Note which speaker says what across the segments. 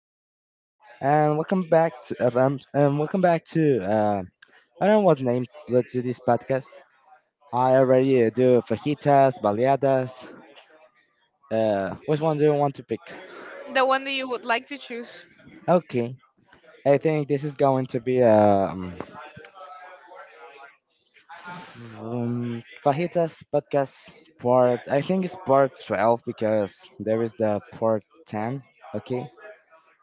Speaker 1: of five, and welcome back to FM. And welcome back to I don't know what name to this podcast. I already do fajitas, baleadas. Which one do you want to pick?
Speaker 2: The one that you would like to choose.
Speaker 1: Okay. I think this is going to be fajitas podcast part. I think it's part 12 because there is the part ten. Okay.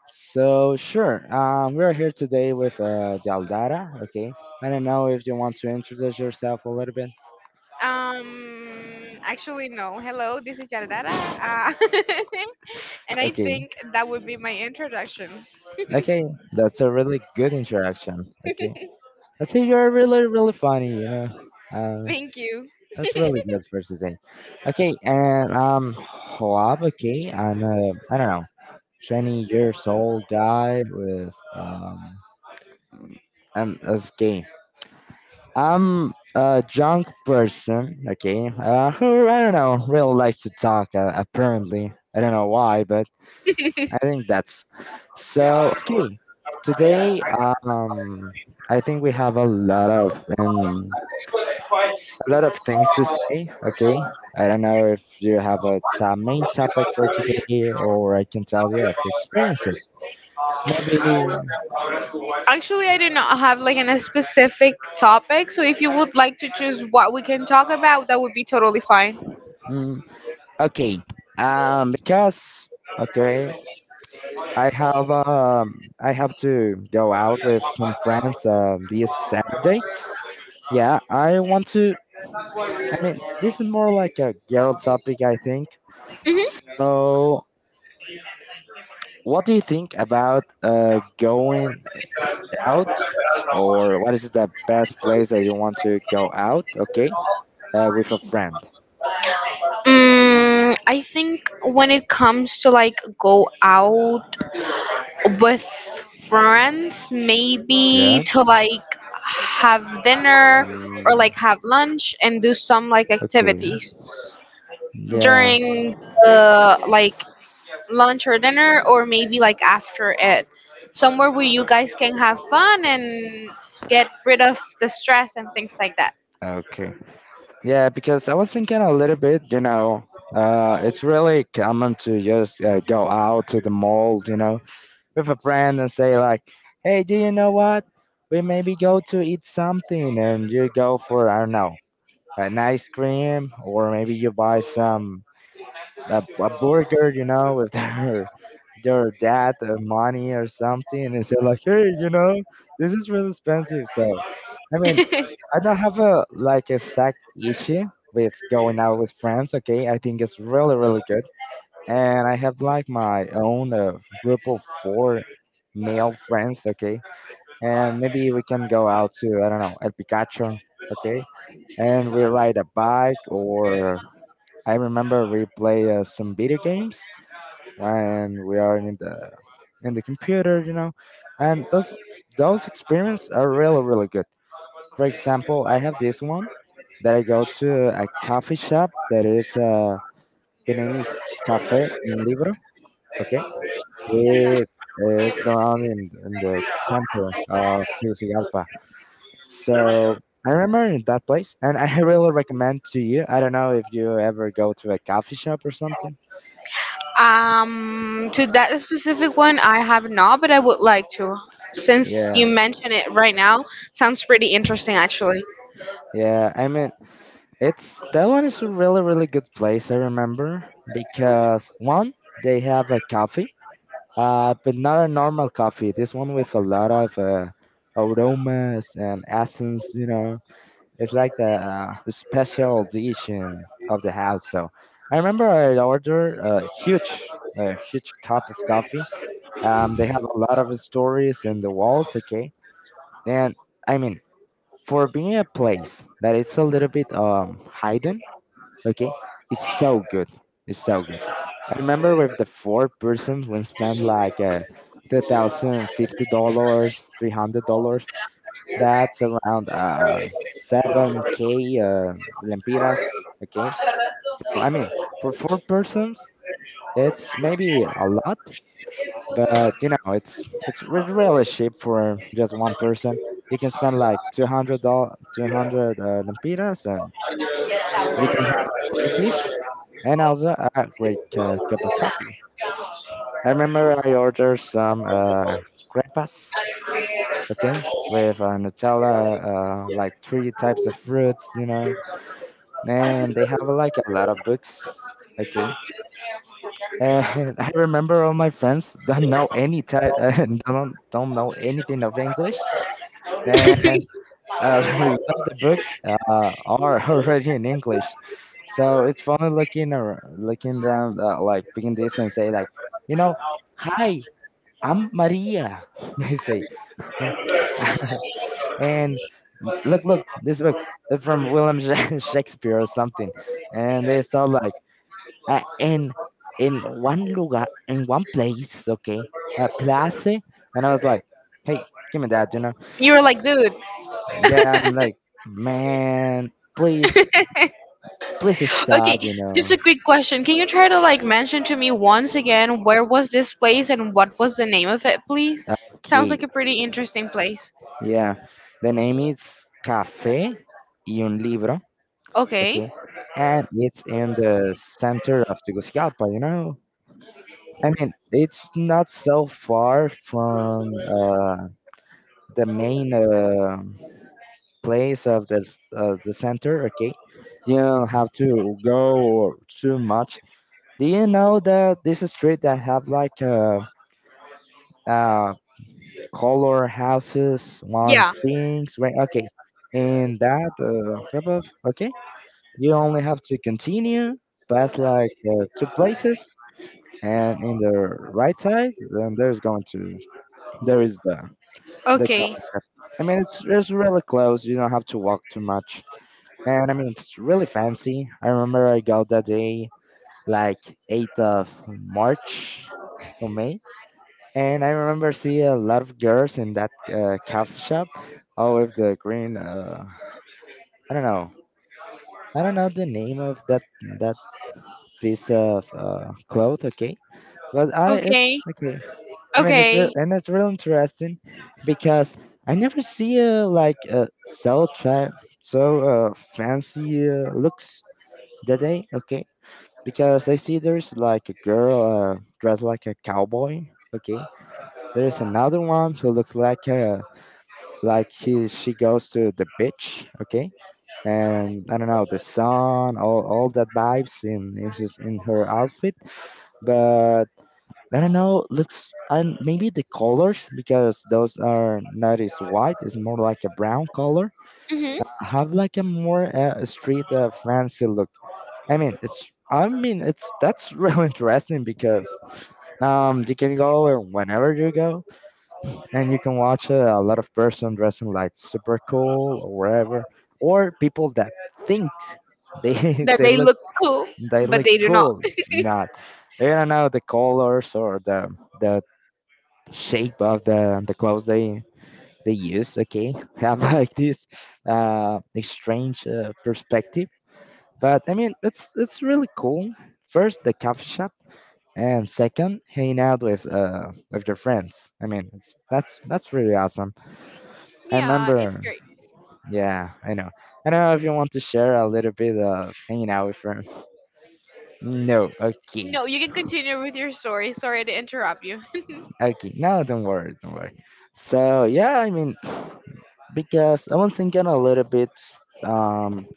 Speaker 1: So sure, we're here today with Jaldara. Okay, I don't know if you want to introduce yourself a little bit.
Speaker 2: No. Hello, this is Yaldara. And I
Speaker 1: Okay,
Speaker 2: think that would be my introduction.
Speaker 1: okay, that's a really good introduction. Okay, I see you're really funny.
Speaker 2: Thank you.
Speaker 1: That's really good for today. Okay, and Hoab. Okay, I'm I don't know, 20 years old guy with I'm that's gay. I'm a drunk person, okay, who I don't know really likes to talk. Apparently, I don't know why, but I think that's so. Okay, today, um, I think we have a lot of things to say. Okay, I don't know if you have a main topic for today, or I can tell you a few experiences. Maybe.
Speaker 2: Actually, I do not have a specific topic, so if you would like to choose what we can talk about, that would be totally fine.
Speaker 1: Mm, okay. Because okay. I have to go out with some friends this Saturday. Yeah, I want to I mean this is more like a girl topic I think.
Speaker 2: hmm
Speaker 1: So what do you think about going out or what is the best place that you want to go out, okay? With a friend.
Speaker 2: I think when it comes to like go out with friends, maybe
Speaker 1: Yeah.
Speaker 2: to like have dinner or
Speaker 1: Mm,
Speaker 2: like have lunch and do some like
Speaker 1: okay.
Speaker 2: activities
Speaker 1: Yeah.
Speaker 2: during the like lunch or dinner or maybe like after it somewhere where you guys can have fun and get rid of the stress and things like that.
Speaker 1: Okay. Yeah, because I was thinking a little bit, you know, it's really common to just go out to the mall, you know, with a friend and say, like, hey, do you know what? We maybe go to eat something and you go for, I don't know, an ice cream or maybe you buy a burger, you know, with their dad money or something, and they say like, hey, you know, this is really expensive. So, I mean, I don't have a like a exact issue with going out with friends. Okay, I think it's really good, and I have like my own group of four male friends. Okay, and maybe we can go out to I don't know El Picacho. Okay, and we ride a bike or I remember we play some video games when we are in the computer, you know, and those experiences are really good. For example, I have this one that I go to a coffee shop that is the name is Café Un Libro. Okay, it it's belong in the center of Tegucigalpa. So I remember in that place, and I really recommend to you. I don't know if you ever go to a coffee shop or something.
Speaker 2: To that specific one I have not, but I would like to, since
Speaker 1: Yeah,
Speaker 2: you mention it right now. Sounds pretty interesting actually.
Speaker 1: yeah, I mean, it's that one is a really, really good place. I remember because one, they have a coffee, but not a normal coffee. This one with a lot of aromas and essence. You know, it's like the special edition of the house. So I remember I ordered a huge cup of coffee. They have a lot of stories in the walls. Okay, and I mean, for being a place that it's a little bit hidden, okay. It's so good it's so good. I remember with the four persons we spent like $2050, $300. That's around 7k lempiras, okay. So I mean, for four persons, it's maybe a lot, but you know, really cheap. For just one person, you can spend like $200, 200 lempiras, and you can have a great dish and also a great cup of coffee. I remember I ordered some crepas, okay, with nutella, like three types of fruits, you know. And they have like a lot of books, okay. And I remember all my friends don't know any type, don't know anything of English, and a lot of the books are already in English. So it's funny looking like picking this and say like, you know, hi, I'm Maria. They say, and look, look, this book it's from William Shakespeare or something, and they saw like uh, in in one lugar in one place, okay, a place, and I was like, hey, give me that, you know.
Speaker 2: You were like, dude.
Speaker 1: Yeah, I'm like, man, please, please
Speaker 2: Okay,
Speaker 1: stop, you
Speaker 2: just
Speaker 1: know.
Speaker 2: a quick question, can you try to like mention to me once again where was this place and what was the name of it, please? Sounds like
Speaker 1: Okay,
Speaker 2: a pretty interesting place.
Speaker 1: yeah. The name is Café y un libro,
Speaker 2: Okay.
Speaker 1: okay? And it's in the center of Tegucigalpa, you know? I mean, it's not so far from the main place of the center. Okay, you don't have to go too much. Do you know that this street that have like a color houses, one's
Speaker 2: Yeah.
Speaker 1: things, right? Okay, and that wrap up. Okay, you only have to continue past like two places, and in the right side, then there's going to there is the
Speaker 2: Okay,
Speaker 1: coffee shop. I mean, it's really close. You don't have to walk too much, and I mean, it's really fancy. I remember I got that day like March 8th or May. And I remember seeing a lot of girls in that coffee shop, all with the green. I don't know. I don't know the name of that piece of cloth. Okay, but I it's
Speaker 2: okay,
Speaker 1: okay. I mean, it's real
Speaker 2: okay.
Speaker 1: and it's real interesting because I never see like so try so fancy looks that day. Okay, because I see there's like a girl dressed like a cowboy. Okay, there's another one who looks like a like he she goes to the beach, okay. And I don't know, the sun, all that vibes in is just in her outfit, but I don't know, looks and maybe the colors, because those are not as white, it's more like a brown color.
Speaker 2: hmm
Speaker 1: Have like a more street fancy look. I mean it's that's really interesting because you can go whenever you go, and you can watch a lot of person dressing like super cool or whatever, or people that think they
Speaker 2: That they look cool,
Speaker 1: they
Speaker 2: but
Speaker 1: look
Speaker 2: they do not.
Speaker 1: cool. Not, I don't know, the colors or the shape of the clothes they use. Okay, have like this strange perspective, but I mean it's really cool. First, the coffee shop. And second, hanging out with your friends. I mean, it's that's really awesome. I
Speaker 2: Yeah, it's
Speaker 1: remember.
Speaker 2: great.
Speaker 1: Yeah, I know. I don't know if you want to share a little bit of hanging out with friends. No, okay,
Speaker 2: No, you can continue with your story. Sorry to interrupt you.
Speaker 1: okay. No, don't worry, don't worry. So yeah, I mean, because I was thinking a little bit um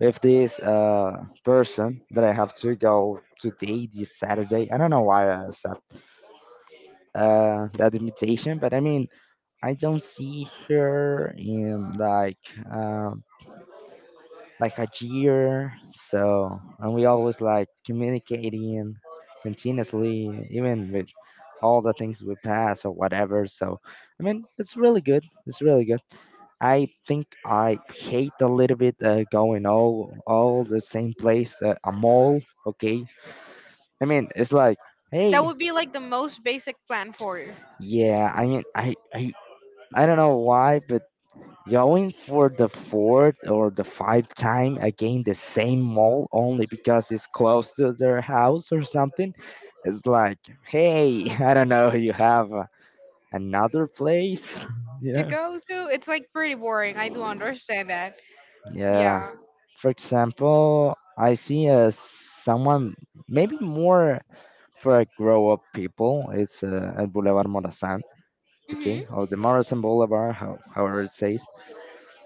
Speaker 1: with this person that I have to go today this Saturday. I don't know why I accept that invitation, but I mean, I don't see her in um like a year. So, and we always like communicating continuously, even with all the things we pass or whatever. So, I mean, it's really good. It's really good. I think I hate a little bit going all the same place, a mall. Okay, I mean, it's like,
Speaker 2: That
Speaker 1: hey,
Speaker 2: would be like the most basic plan for you
Speaker 1: yeah. I mean, I don't know why, but going for the fourth or the fifth time again the same mall only because it's close to their house or something. It's like, hey, I don't know, you have another place, you
Speaker 2: to
Speaker 1: know?
Speaker 2: go to. It's like pretty boring. I do understand that.
Speaker 1: Yeah.
Speaker 2: Yeah.
Speaker 1: For example, I see as someone maybe more for a grow up people. It's at Boulevard Morazan,
Speaker 2: hmm
Speaker 1: okay, or the Morazan Boulevard, how, however it says,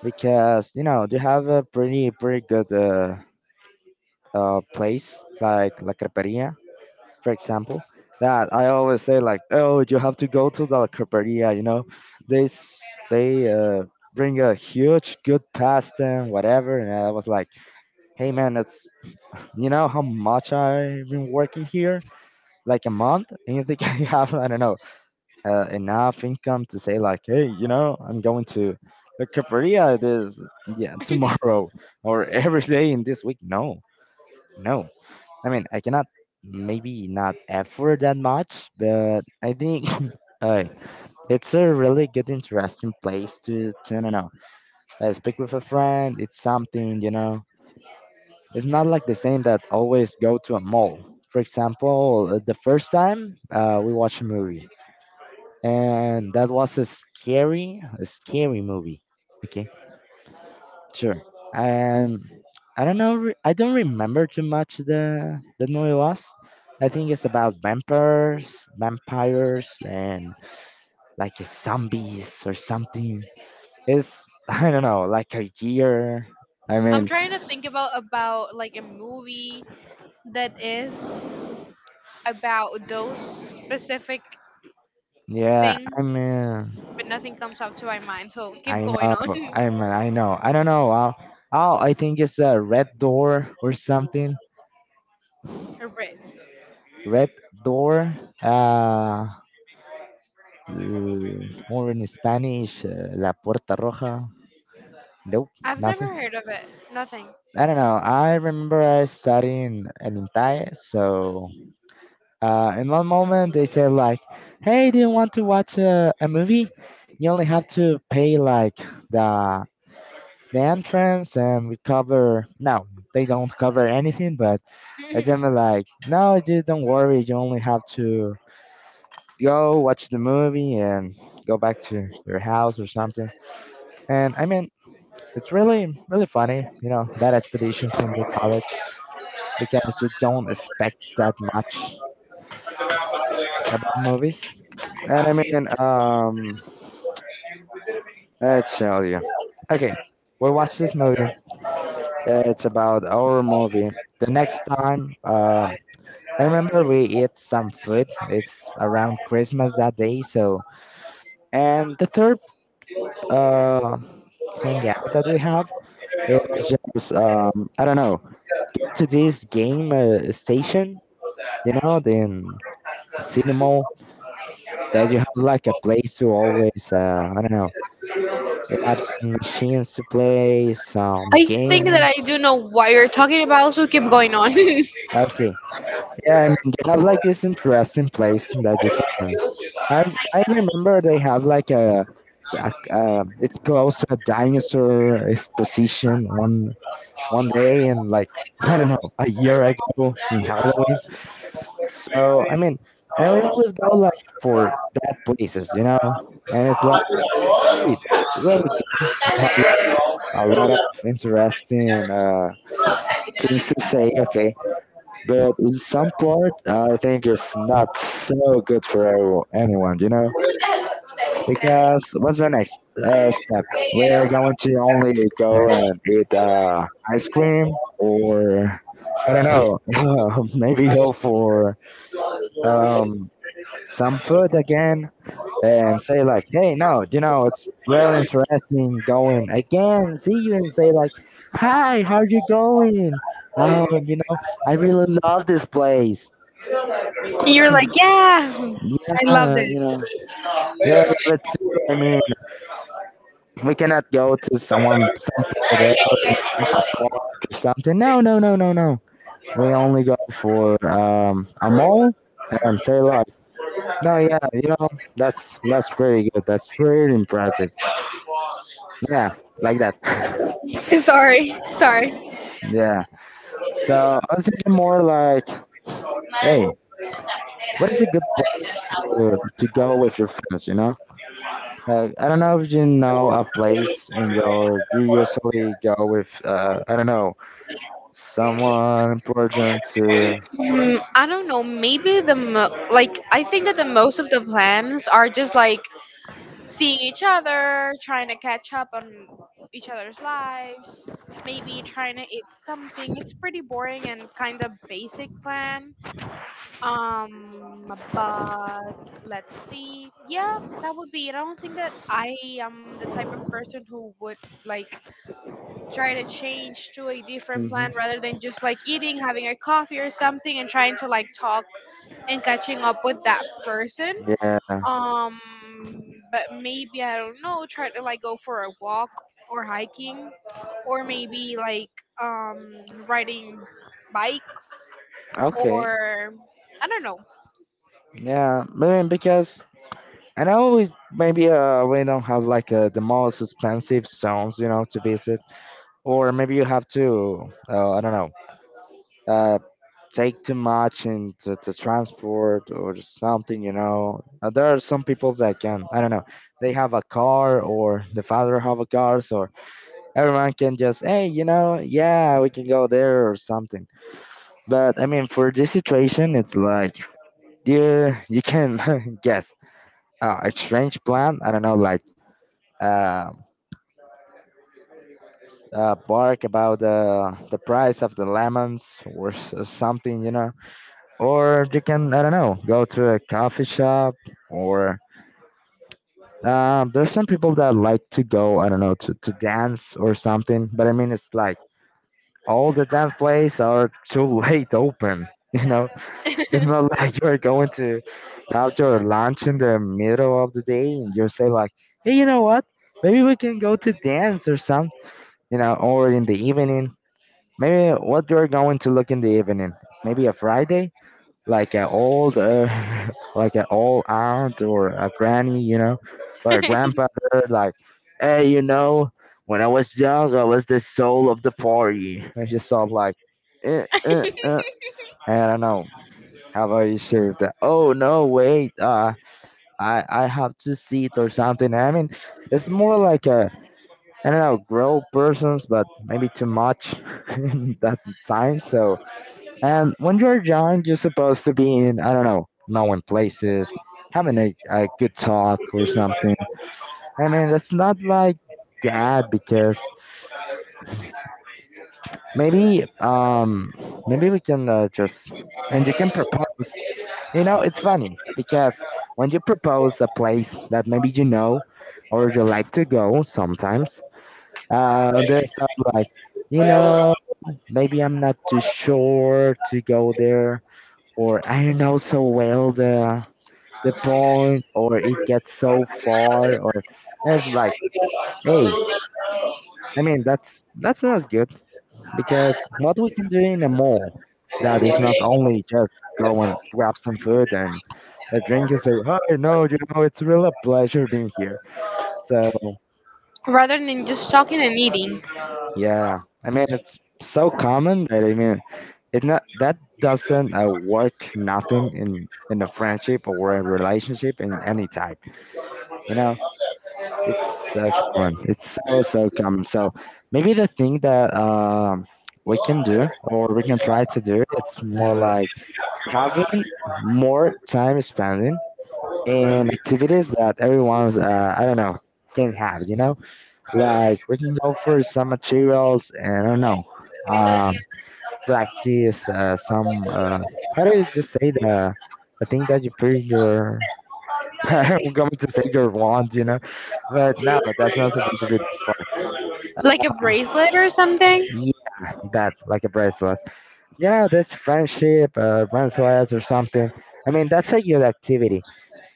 Speaker 1: because you know they have a pretty good place like La Creperia, for example, that I always say like, oh, you have to go to the La Creperia. You know, they bring a huge good pasta and whatever. And I was like, hey man, that's you know how much I've been working here, like a month, and you think I have I don't know enough income to say like, hey, you know, I'm going to La Creperia this yeah tomorrow or every day in this week. No, no. I mean, I cannot maybe not afford that much, but I think uh, it's a really good, interesting place to I don't know, speak with a friend. It's something, you know, it's not like the same that always go to a mall. For example, the first time we watched a movie, and that was a scary movie. Okay. Sure. Um, I don't know. I don't remember too much the movie was. I think it's about vampires and like zombies or something. It's I don't know, like a year. I
Speaker 2: I'm
Speaker 1: mean,
Speaker 2: trying to think about like a movie that is about those specific
Speaker 1: yeah.
Speaker 2: things, but nothing comes up to my mind. So keep
Speaker 1: I
Speaker 2: going
Speaker 1: know.
Speaker 2: on.
Speaker 1: I mean, I know. I don't know. Oh, I think it's a red door or something.
Speaker 2: Right.
Speaker 1: Red door. Uh, or in Spanish, la puerta roja. Nope,
Speaker 2: I've
Speaker 1: nothing.
Speaker 2: never heard of it. Nothing.
Speaker 1: I don't know. I remember I studying an entire so in one moment they said like, "Hey, do you want to watch a movie? You only have to pay like the the entrance and we cover." No, they don't cover anything. But I tell me like, "No, dude, don't worry. You only have to go watch the movie and go back to your house or something." And I mean, it's really really funny, that expeditions in the college. Because you don't expect that much about movies. And I mean, let's tell you. Okay, we watch this movie. It's about our movie. The next time, I remember we eat some food. It's around Christmas that day, so and the third uh hangout that we have, it was just I don't know, to this game station, you know, the cinema that you have like a place to always, I don't know, you have some machines to play, some
Speaker 2: I think that
Speaker 1: games.
Speaker 2: I do know what you're talking about, so keep going on.
Speaker 1: Okay, yeah, I mean, you have like this interesting place that you can. I I remember they have like a, a it's close to a dinosaur exposition one day and like I don't know a year ago in Halloween. So I mean, and we always go like for that places, you know, and it's like, hey, that's really good a lot of interesting things to say. Okay, but in some part, I think it's not so good for anyone, you know. Because what's the next step? We are going to only go and eat ice cream, or I don't know, maybe go for um, some food again. And say like, "Hey, no, you know, it's really interesting going again." See you and say like, "Hi, how you going? Oh, you know, I really love this place."
Speaker 2: You're
Speaker 1: "Mm,
Speaker 2: like, yeah, I loved
Speaker 1: yeah,
Speaker 2: it.
Speaker 1: you know, yeah, but too. I mean, we cannot go to someone somebody else in a park or something. No, no, no, no, no. We only go for a mall and say like, no, yeah, you know, that's pretty good. That's pretty impressive. Yeah, like that."
Speaker 2: Sorry, sorry.
Speaker 1: Yeah. So I was thinking more like, hey, what is a good place to go with your friends, you know? Like, I don't know if you know a place and you usually go with, I don't know, someone important to,
Speaker 2: I don't know. Maybe the like, I think that the most of the plans are just like seeing each other, trying to catch up on each other's lives, maybe trying to eat something. It's pretty boring and kind of basic plan. But let's see. Yeah, that would be it. I don't think that I am the type of person who would like try to change to a different plan
Speaker 1: hmm
Speaker 2: rather than just like eating, having a coffee or something, and trying to like talk and catching up with that person.
Speaker 1: yeah.
Speaker 2: Um, but maybe I don't know, try to like go for a walk or hiking, or maybe like um riding bikes
Speaker 1: Okay.
Speaker 2: or I don't know.
Speaker 1: Yeah. I mean because I know we, maybe we don't have like the most expensive zones, you know, to visit. Or maybe you have to, I don't know. uh, Take too much into the transport or something, you know. There are some people that can, I don't know, they have a car or the father have a car, so everyone can just, hey, you know, yeah, we can go there or something. But I mean, for this situation, it's like you can guess a strange plan. I don't know, like uh, bark about the price of the lemons or something, you know. Or you can I don't know go to a coffee shop or there's some people that like to go I don't know to dance or something, but I mean it's like all the dance places are too late open, you know, it's not like you're going to have your lunch in the middle of the day and you say like, hey, you know what, maybe we can go to dance or something, you know, or in the evening. Maybe what you're going to look in the evening, maybe a Friday, like an old like an old aunt or a granny, you know, or a grandpa. Like, hey, you know, when I was young I was the soul of the party. I just thought like, eh, eh, eh. I don't know, how about you serve that? Oh no wait, I have to see it or something. I mean, it's more like a I don't know grown persons, but maybe too much that time. So and when you're young, you're supposed to be in, I don't know, knowing places, having a good talk or something. I mean, it's not like that because maybe, maybe we can just, and you can propose. You know, it's funny because when you propose a place that maybe you know or you like to go sometimes, there's stuff like, you know, maybe I'm not too sure to go there or I don't know so well the point, or it gets so far, or it's like, hey, I mean that's not good because what we can do in a mall that is not only just go and grab some food and a drink and say, hi, no, you know, it's really a pleasure being here. So
Speaker 2: Rather than just talking and eating,
Speaker 1: yeah, I mean it's so common that I mean it not that doesn't work nothing in a friendship or a relationship in any type, you know. It's so common. It's so so common. So maybe the thing that we can do or we can try to do it's more like having more time spending in activities that everyone's I don't know can have. You know, like we can go for some materials and I don't know um, practice some. How do you just say the thing that you put in your I'm going to say your wand, you know, but no, that's not supposed to be the
Speaker 2: like a bracelet or
Speaker 1: far.
Speaker 2: something.
Speaker 1: Yeah, that like a bracelet. You know, this friendship, bracelets or something. I mean, that's a good activity.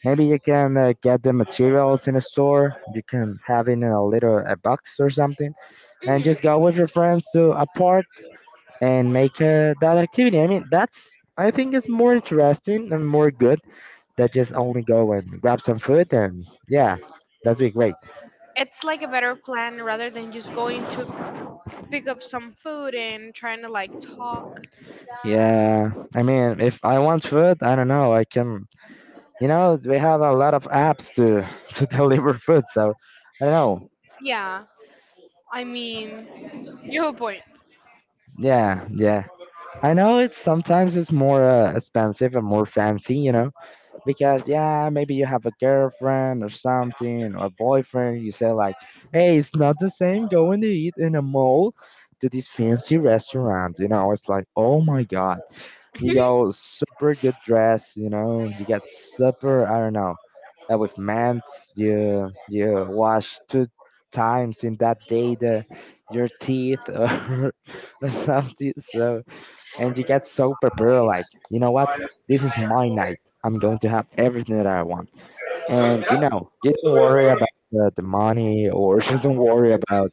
Speaker 1: Maybe you can get the materials in a store. You can have it in a little a box or something, and just
Speaker 2: hmm
Speaker 1: go with your friends to a park and make that activity. I mean, that's I think is more interesting and more good that just only go and grab some food and yeah, that'd be great.
Speaker 2: It's like a better plan rather than just going to pick up some food and trying to like talk.
Speaker 1: Yeah, I mean, if I want food, I don't know. I can, you know, we have a lot of apps to to deliver food, so I don't know.
Speaker 2: Yeah, I mean, you have a point.
Speaker 1: Yeah, yeah. I know it's sometimes it's more expensive and more fancy, you know, because yeah, maybe you have a girlfriend or something or a boyfriend. You say like, hey, it's not the same going to eat in a mall to this fancy restaurant, you know. It's like, oh my god. You go super good dress, you know. You get super, I don't know, with mints. You wash two times in that day the your teeth or, or something. So and you get so prepared, like you know what, this is my night. I'm going to have everything that I want. And you know, you don't worry about the money or you don't worry about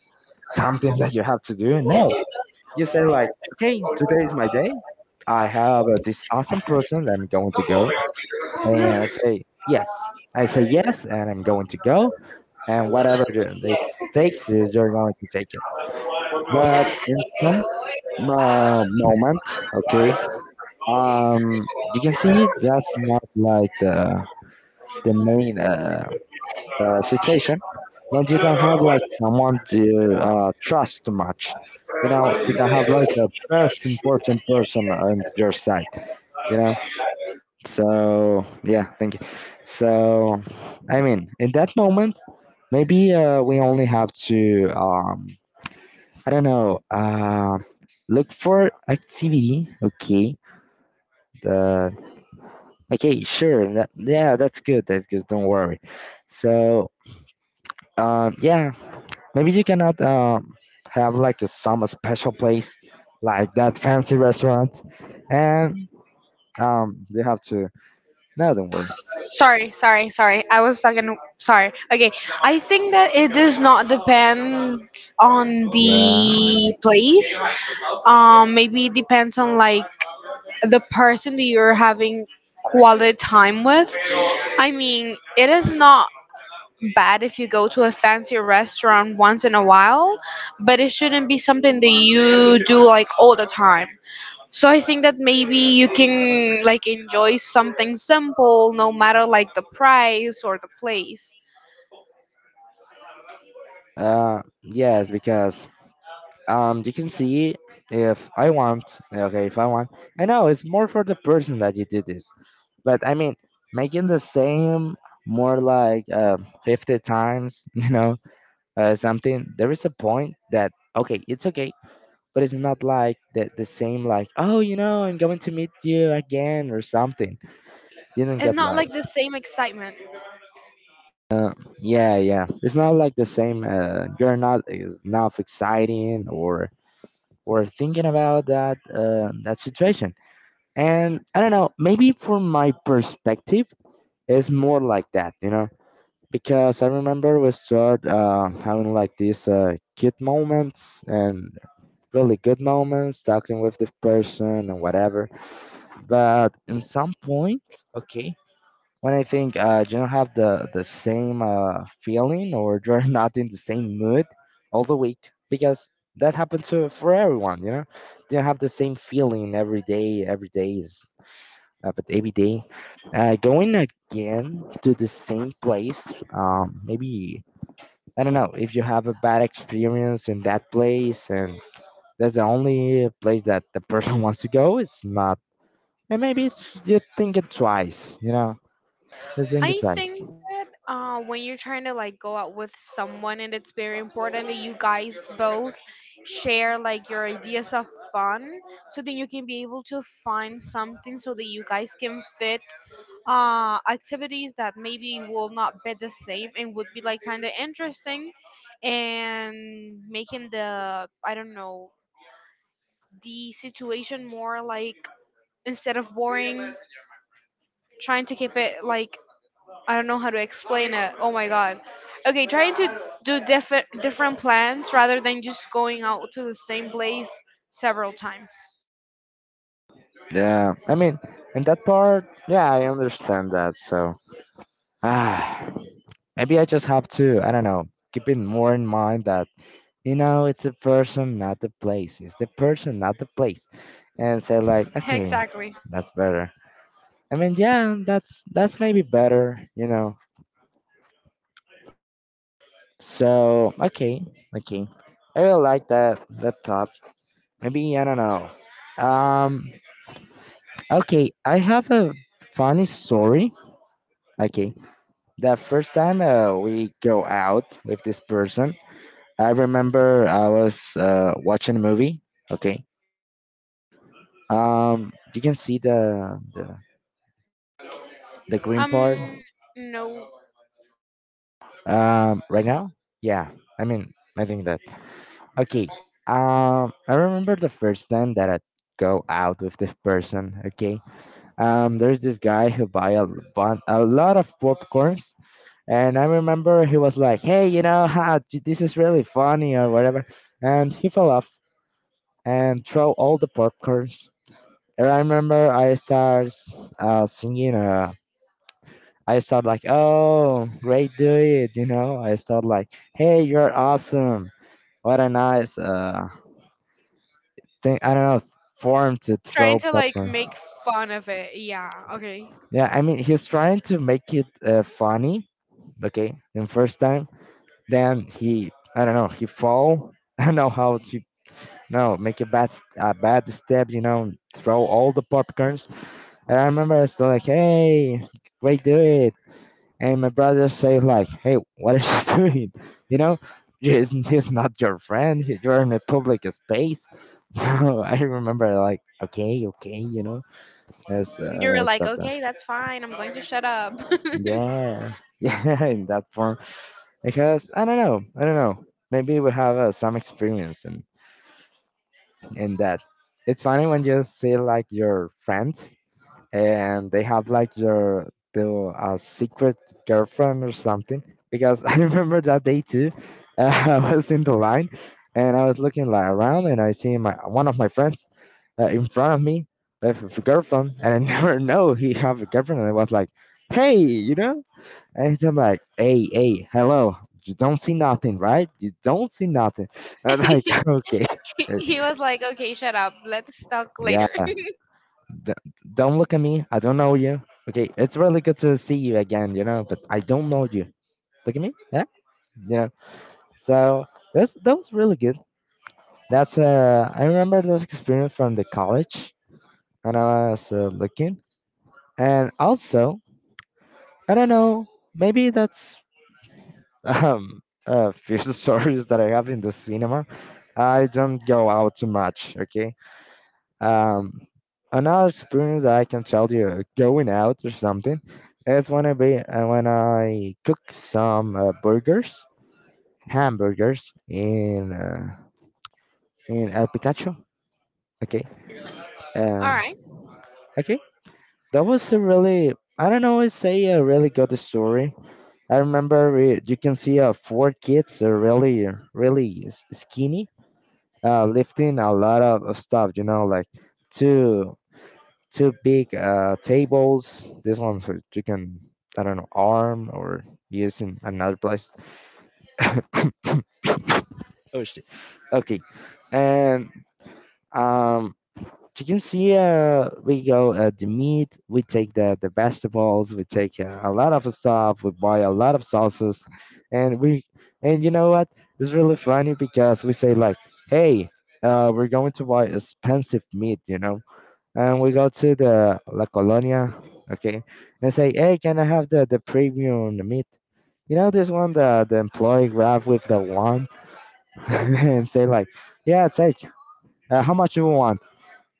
Speaker 1: something that you have to do. No, you say like, okay, today is my day. I have this awesome person that I'm going to go, and I say yes. I say yes, and I'm going to go, and whatever it takes is you're going to take it. But in some moment, okay, um, you can see that's not like the main situation, but you don't have like someone to trust too much. You know, you don't have like the most important person on your side. You know, so yeah, thank you. So, I mean, in that moment, maybe we only have to I don't know, look for activity. Okay, the okay, sure, that, yeah, that's good. That's good. Don't worry. So yeah, maybe you cannot have like a, some special place like that fancy restaurant, and you have to. No, don't worry.
Speaker 2: Sorry, sorry, sorry. I was talking. Sorry. Okay, I think that it does not depend on
Speaker 1: Yeah.
Speaker 2: the place. Maybe it depends on like the person that you're having quality time with. I mean, it is not bad if you go to a fancy restaurant once in a while, but it shouldn't be something that you do like all the time. So I think that maybe you can like enjoy something simple no matter like the price or the place.
Speaker 1: Yes, because you can see if I want. Okay, if I want. I know it's more for the person that you do this, but I mean making the same more like 50 times something. There is a point that, okay, it's okay, but it's not like the same like, oh, you know, I'm going to meet you again or something. Didn't
Speaker 2: It's
Speaker 1: get
Speaker 2: not
Speaker 1: like
Speaker 2: like the same excitement.
Speaker 1: uh, yeah, yeah, it's not like the same. You're not enough exciting, or thinking about that that situation. And I don't know, maybe from my perspective it's more like that, you know, because I remember we start having like these cute moments and really good moments talking with the person and whatever, but in some point, okay, when I think you don't have the same feeling, or you're not in the same mood all the week, because that happens for everyone, you know. You don't have the same feeling every day. Every day is but every day going again to the same place. Um, maybe, I don't know, if you have a bad experience in that place, and that's the only place that the person wants to go, it's not. And maybe it's, you think it twice, you know. Just think it
Speaker 2: I
Speaker 1: twice.
Speaker 2: think that when you're trying to like go out with someone, and it's very important that you guys both share like your ideas of fun, so then you can be able to find something so that you guys can fit activities that maybe will not be the same and would be like kind of interesting, and making the, I don't know, the situation more like, instead of boring, trying to keep it like, I don't know how to explain it, oh my god. Okay, trying to do different plans rather than just going out to the same place several times.
Speaker 1: Yeah. I mean, in that part, yeah, I understand that. So ah, maybe I just have to, I don't know, keep it more in mind that, you know, it's the person, not the place. It's the person, not the place. And say like, okay,
Speaker 2: Exactly.
Speaker 1: that's better. I mean, yeah, that's maybe better, you know. So okay, okay. I really like that thought. Maybe I don't know. Um Okay, I have a funny story. Okay, the first time we go out with this person, I remember I was watching a movie. Okay, you can see the green part
Speaker 2: um no
Speaker 1: right now. Yeah, I mean, I think that. Okay, I remember the first time that I go out with this person. Okay, there's this guy who buy a, a lot of popcorns. And I remember he was like, "Hey, you know how this is really funny or whatever," and he fell off and throw all the popcorns. And I remember I start singing. I start like, "Oh, great, do it!" You know, I start like, "Hey, you're awesome! What a nice thing!" I don't know form to
Speaker 2: Trying
Speaker 1: throw
Speaker 2: to like make
Speaker 1: popcorn.
Speaker 2: fun of it, yeah, okay.
Speaker 1: Yeah, I mean he's trying to make it funny. Okay, the first time, then he, I don't know, he fall. I don't know how to. No, make a a bad step. You know, throw all the popcorns. And I remember I was still like, "Hey, wait, do it!" And my brother say like, "Hey, what is she doing?" You know, he's not your friend. You're in a public space. So I remember like, okay, okay, you know,
Speaker 2: You were
Speaker 1: I
Speaker 2: like,
Speaker 1: stopped that.
Speaker 2: okay, that's fine. I'm going to shut up.
Speaker 1: Yeah, yeah, in that form, because I don't know, I don't know. Maybe we have some experience in that. It's funny when you see like your friends and they have like their secret girlfriend or something, because I remember that day too. I was in the line and I was looking like around, and I see my one of my friends in front of me with a girlfriend, and I never know he have a girlfriend. And I was like, hey, you know, and I'm like, hey, hey, hello, you don't see nothing, right? You don't see nothing. And I'm like, okay,
Speaker 2: He
Speaker 1: okay,
Speaker 2: was like, okay, shut up. Let's talk later.
Speaker 1: yeah. D- don't look at me. I don't know you. Okay, it's really good to see you again, you know, but I don't know you. Look at me. Yeah? You know, so that's, that was really good. That's I remember this experience from the college, and I was looking, and also I don't know, maybe that's fear stories that I have in the cinema. I don't go out too much, okay? Um, another experience that I can tell you going out or something is when I be, when I cook some burgers, hamburgers in El Picacho. Okay, uh,
Speaker 2: All right.
Speaker 1: okay, that was a really, I don't know. It's say a really good story. I remember we, you can see four kids are really really skinny, lifting a lot of stuff. You know, like two two big tables. This one's for you can, I don't know, arm or use in another place. Oh shit. Okay, and um, you can see we go the meat. We take the vegetables. We take a lot of stuff. We buy a lot of sauces, and we, and you know what? It's really funny because we say like, hey. We're going to buy expensive meat, you know, and we go to the La Colonia, okay, and say, hey, can I have the premium meat? You know this one, the employee grab with the wand and say like, yeah, take. How much you want?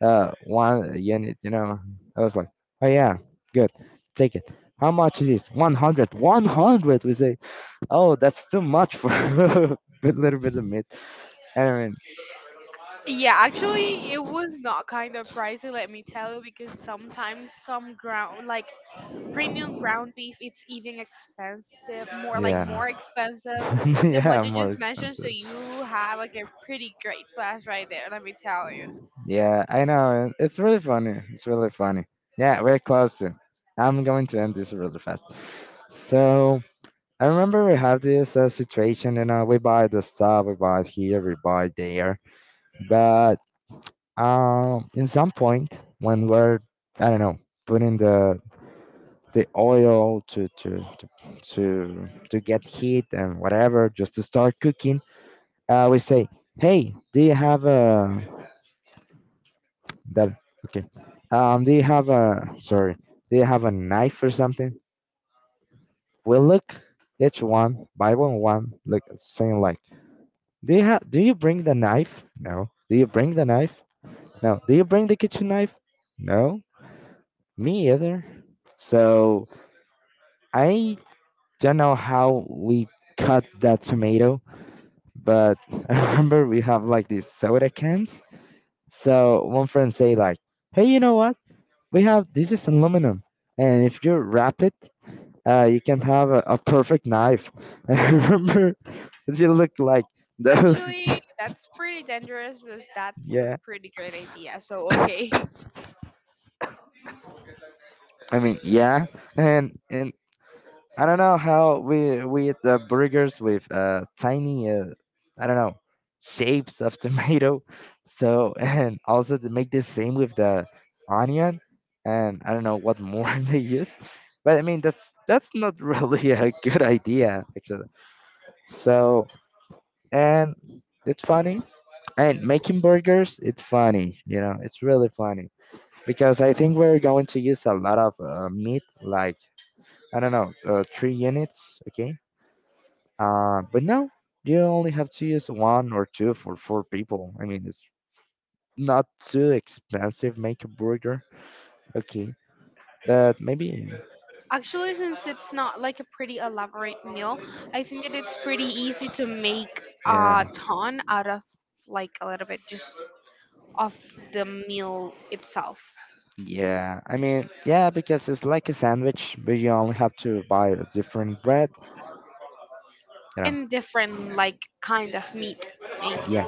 Speaker 1: One unit. You know, I was like, oh yeah, good, take it. How much is this? 100. 100. We say, oh, that's too much for a little bit of meat. I mean,
Speaker 2: Yeah, actually, it was not kind of pricey, let me tell you, because sometimes some ground, like premium ground beef, it's even expensive, more like
Speaker 1: yeah,
Speaker 2: more expensive than what
Speaker 1: yeah,
Speaker 2: you
Speaker 1: more
Speaker 2: just mentioned. So
Speaker 1: expensive.
Speaker 2: you had like a pretty great pass right there, let me tell you.
Speaker 1: Yeah, I know. It's really funny. It's really funny. Yeah, we're close to. I'm going to end this really fast. So I remember we have this situation, you know, we buy the stuff, we buy it here, we buy it there, but in some point when we're, I don't know, putting the oil to get heat and whatever, just to start cooking, we say, hey, do you have a. That, okay. Do you have a, sorry? Do you have a knife or something? We look each one by one one, like saying like, do you have? Do you bring the knife? No. Do you bring the knife? No. Do you bring the kitchen knife? No. Me either. So I don't know how we cut that tomato, but I remember we have like these soda cans. So one friend say like, hey, you know what? We have, this is aluminum, and if you wrap it you can have a perfect knife. I remember she look like those.
Speaker 2: Actually, that's pretty dangerous, but that's a
Speaker 1: Yeah,
Speaker 2: pretty great idea. So, okay.
Speaker 1: I mean, yeah, and I don't know how we eat the burgers with tiny I don't know shapes of tomato. So and also to make the same with the onion, and I don't know what more they use. But I mean, that's not really a good idea actually. So and it's funny. And making burgers, it's funny, you know, it's really funny, because I think we're going to use a lot of meat, like I don't know, three units, okay? But no, you only have to use one or two for four people. I mean, it's not too expensive. Make a burger, okay? But maybe,
Speaker 2: Actually, since it's not like a pretty elaborate meal, I think that it's pretty easy to make
Speaker 1: yeah,
Speaker 2: a ton out of like a little bit just of the meal itself
Speaker 1: yeah. I mean, yeah, because it's like a sandwich, but you only have to buy a different bread, you know?
Speaker 2: and different like kind of meat. Maybe.
Speaker 1: Yeah,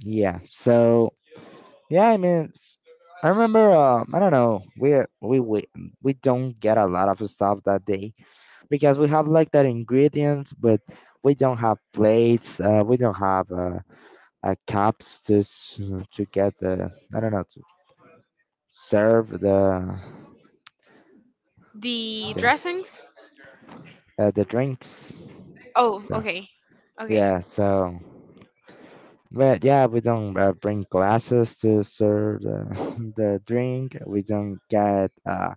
Speaker 1: yeah. So yeah, I mean, I remember. I don't know. We we we don't get a lot of stuff that day, because we have like that ingredients, but we don't have plates. We don't have cups to to get the, I don't know, to serve
Speaker 2: The
Speaker 1: the
Speaker 2: dressings?
Speaker 1: the drinks.
Speaker 2: Oh,
Speaker 1: So
Speaker 2: okay. Okay.
Speaker 1: yeah, so but yeah, we don't bring glasses to serve the the drink. We don't get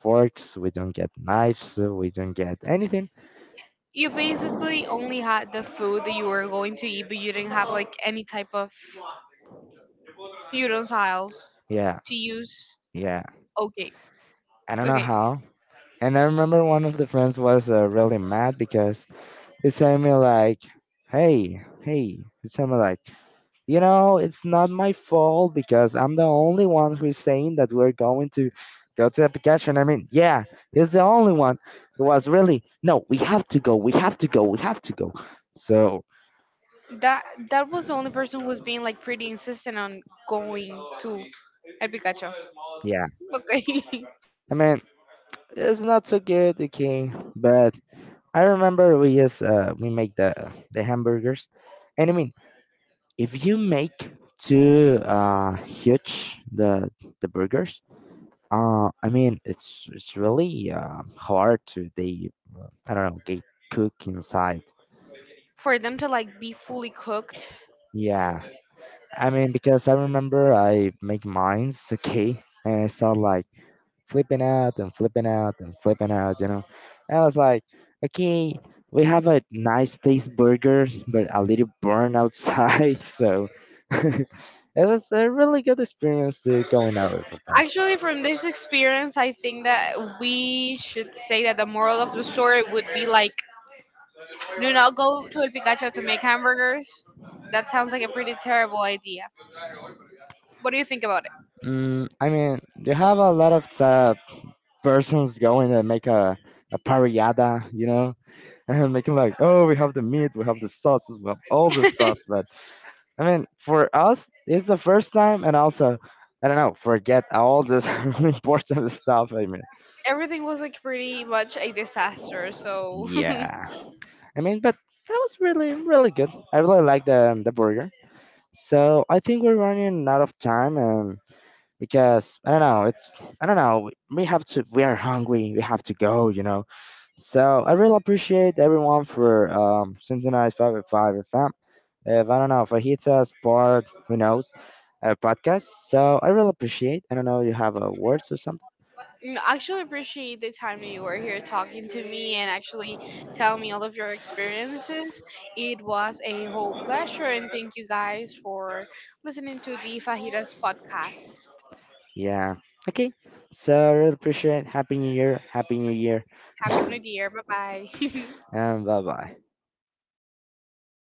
Speaker 1: forks, we don't get knives, we don't get anything.
Speaker 2: You basically only had the food that you were going to eat, but you didn't have like any type of utensils
Speaker 1: Yeah,
Speaker 2: to use.
Speaker 1: yeah.
Speaker 2: Okay.
Speaker 1: I don't know
Speaker 2: Okay.
Speaker 1: how. And I remember one of the friends was really mad because he sent me like, "Hey, hey," he sent me like, "You know, it's not my fault because I'm the only one who's saying that we're going to go to the Pikachu." And I mean, yeah, he's the only one who was really, "No, we have to go, we have to go, we have to go." So
Speaker 2: That was the only person who was being like pretty insistent on going to El Picacho.
Speaker 1: yeah,
Speaker 2: Okay.
Speaker 1: I mean, it's not so good, okay, but I remember we just we make the hamburgers, and I mean, if you make too huge the burgers, I mean, it's really hard to, they, I don't know, get cook inside.
Speaker 2: For them to like be fully cooked.
Speaker 1: Yeah, I mean, because I remember I make mines, okay, and I saw like flipping out and flipping out and flipping out, you know. I was like, okay, we have a nice taste burger, but a little burn outside. So it was a really good experience to going out with a friend.
Speaker 2: Actually, from this experience, I think that we should say that the moral of the story would be like, do not go to El Picacho to make hamburgers. That sounds like a pretty terrible idea. What do you think about
Speaker 1: Mm, I mean, you have a lot of persons going to make a parriada, you know, and making like, oh, we have the meat, we have the sauces, we have all the
Speaker 2: it?
Speaker 1: stuff, but. I mean, for us, it's the first time, and also, I don't know, forget all this important stuff. I mean,
Speaker 2: Everything was like pretty much a disaster, so.
Speaker 1: yeah. I mean, but that was really, really good. I really like the burger. So I think we're running out of time, and because I don't know, it's, I don't know. We have to. We are hungry. We have to go. You know. So I really appreciate everyone for synchronized five at five FM. If, I don't know, fajitas, part, who knows, a podcast. So I really appreciate. I don't know, you have words or something?
Speaker 2: I actually appreciate the time that you were here talking to me and actually tell me all of your experiences. It was a whole pleasure, and thank you guys for listening to the Fajitas podcast.
Speaker 1: Yeah. Okay. So I really appreciate. Happy New Year. Happy New Year.
Speaker 2: Happy New Year. Bye bye.
Speaker 1: And bye bye.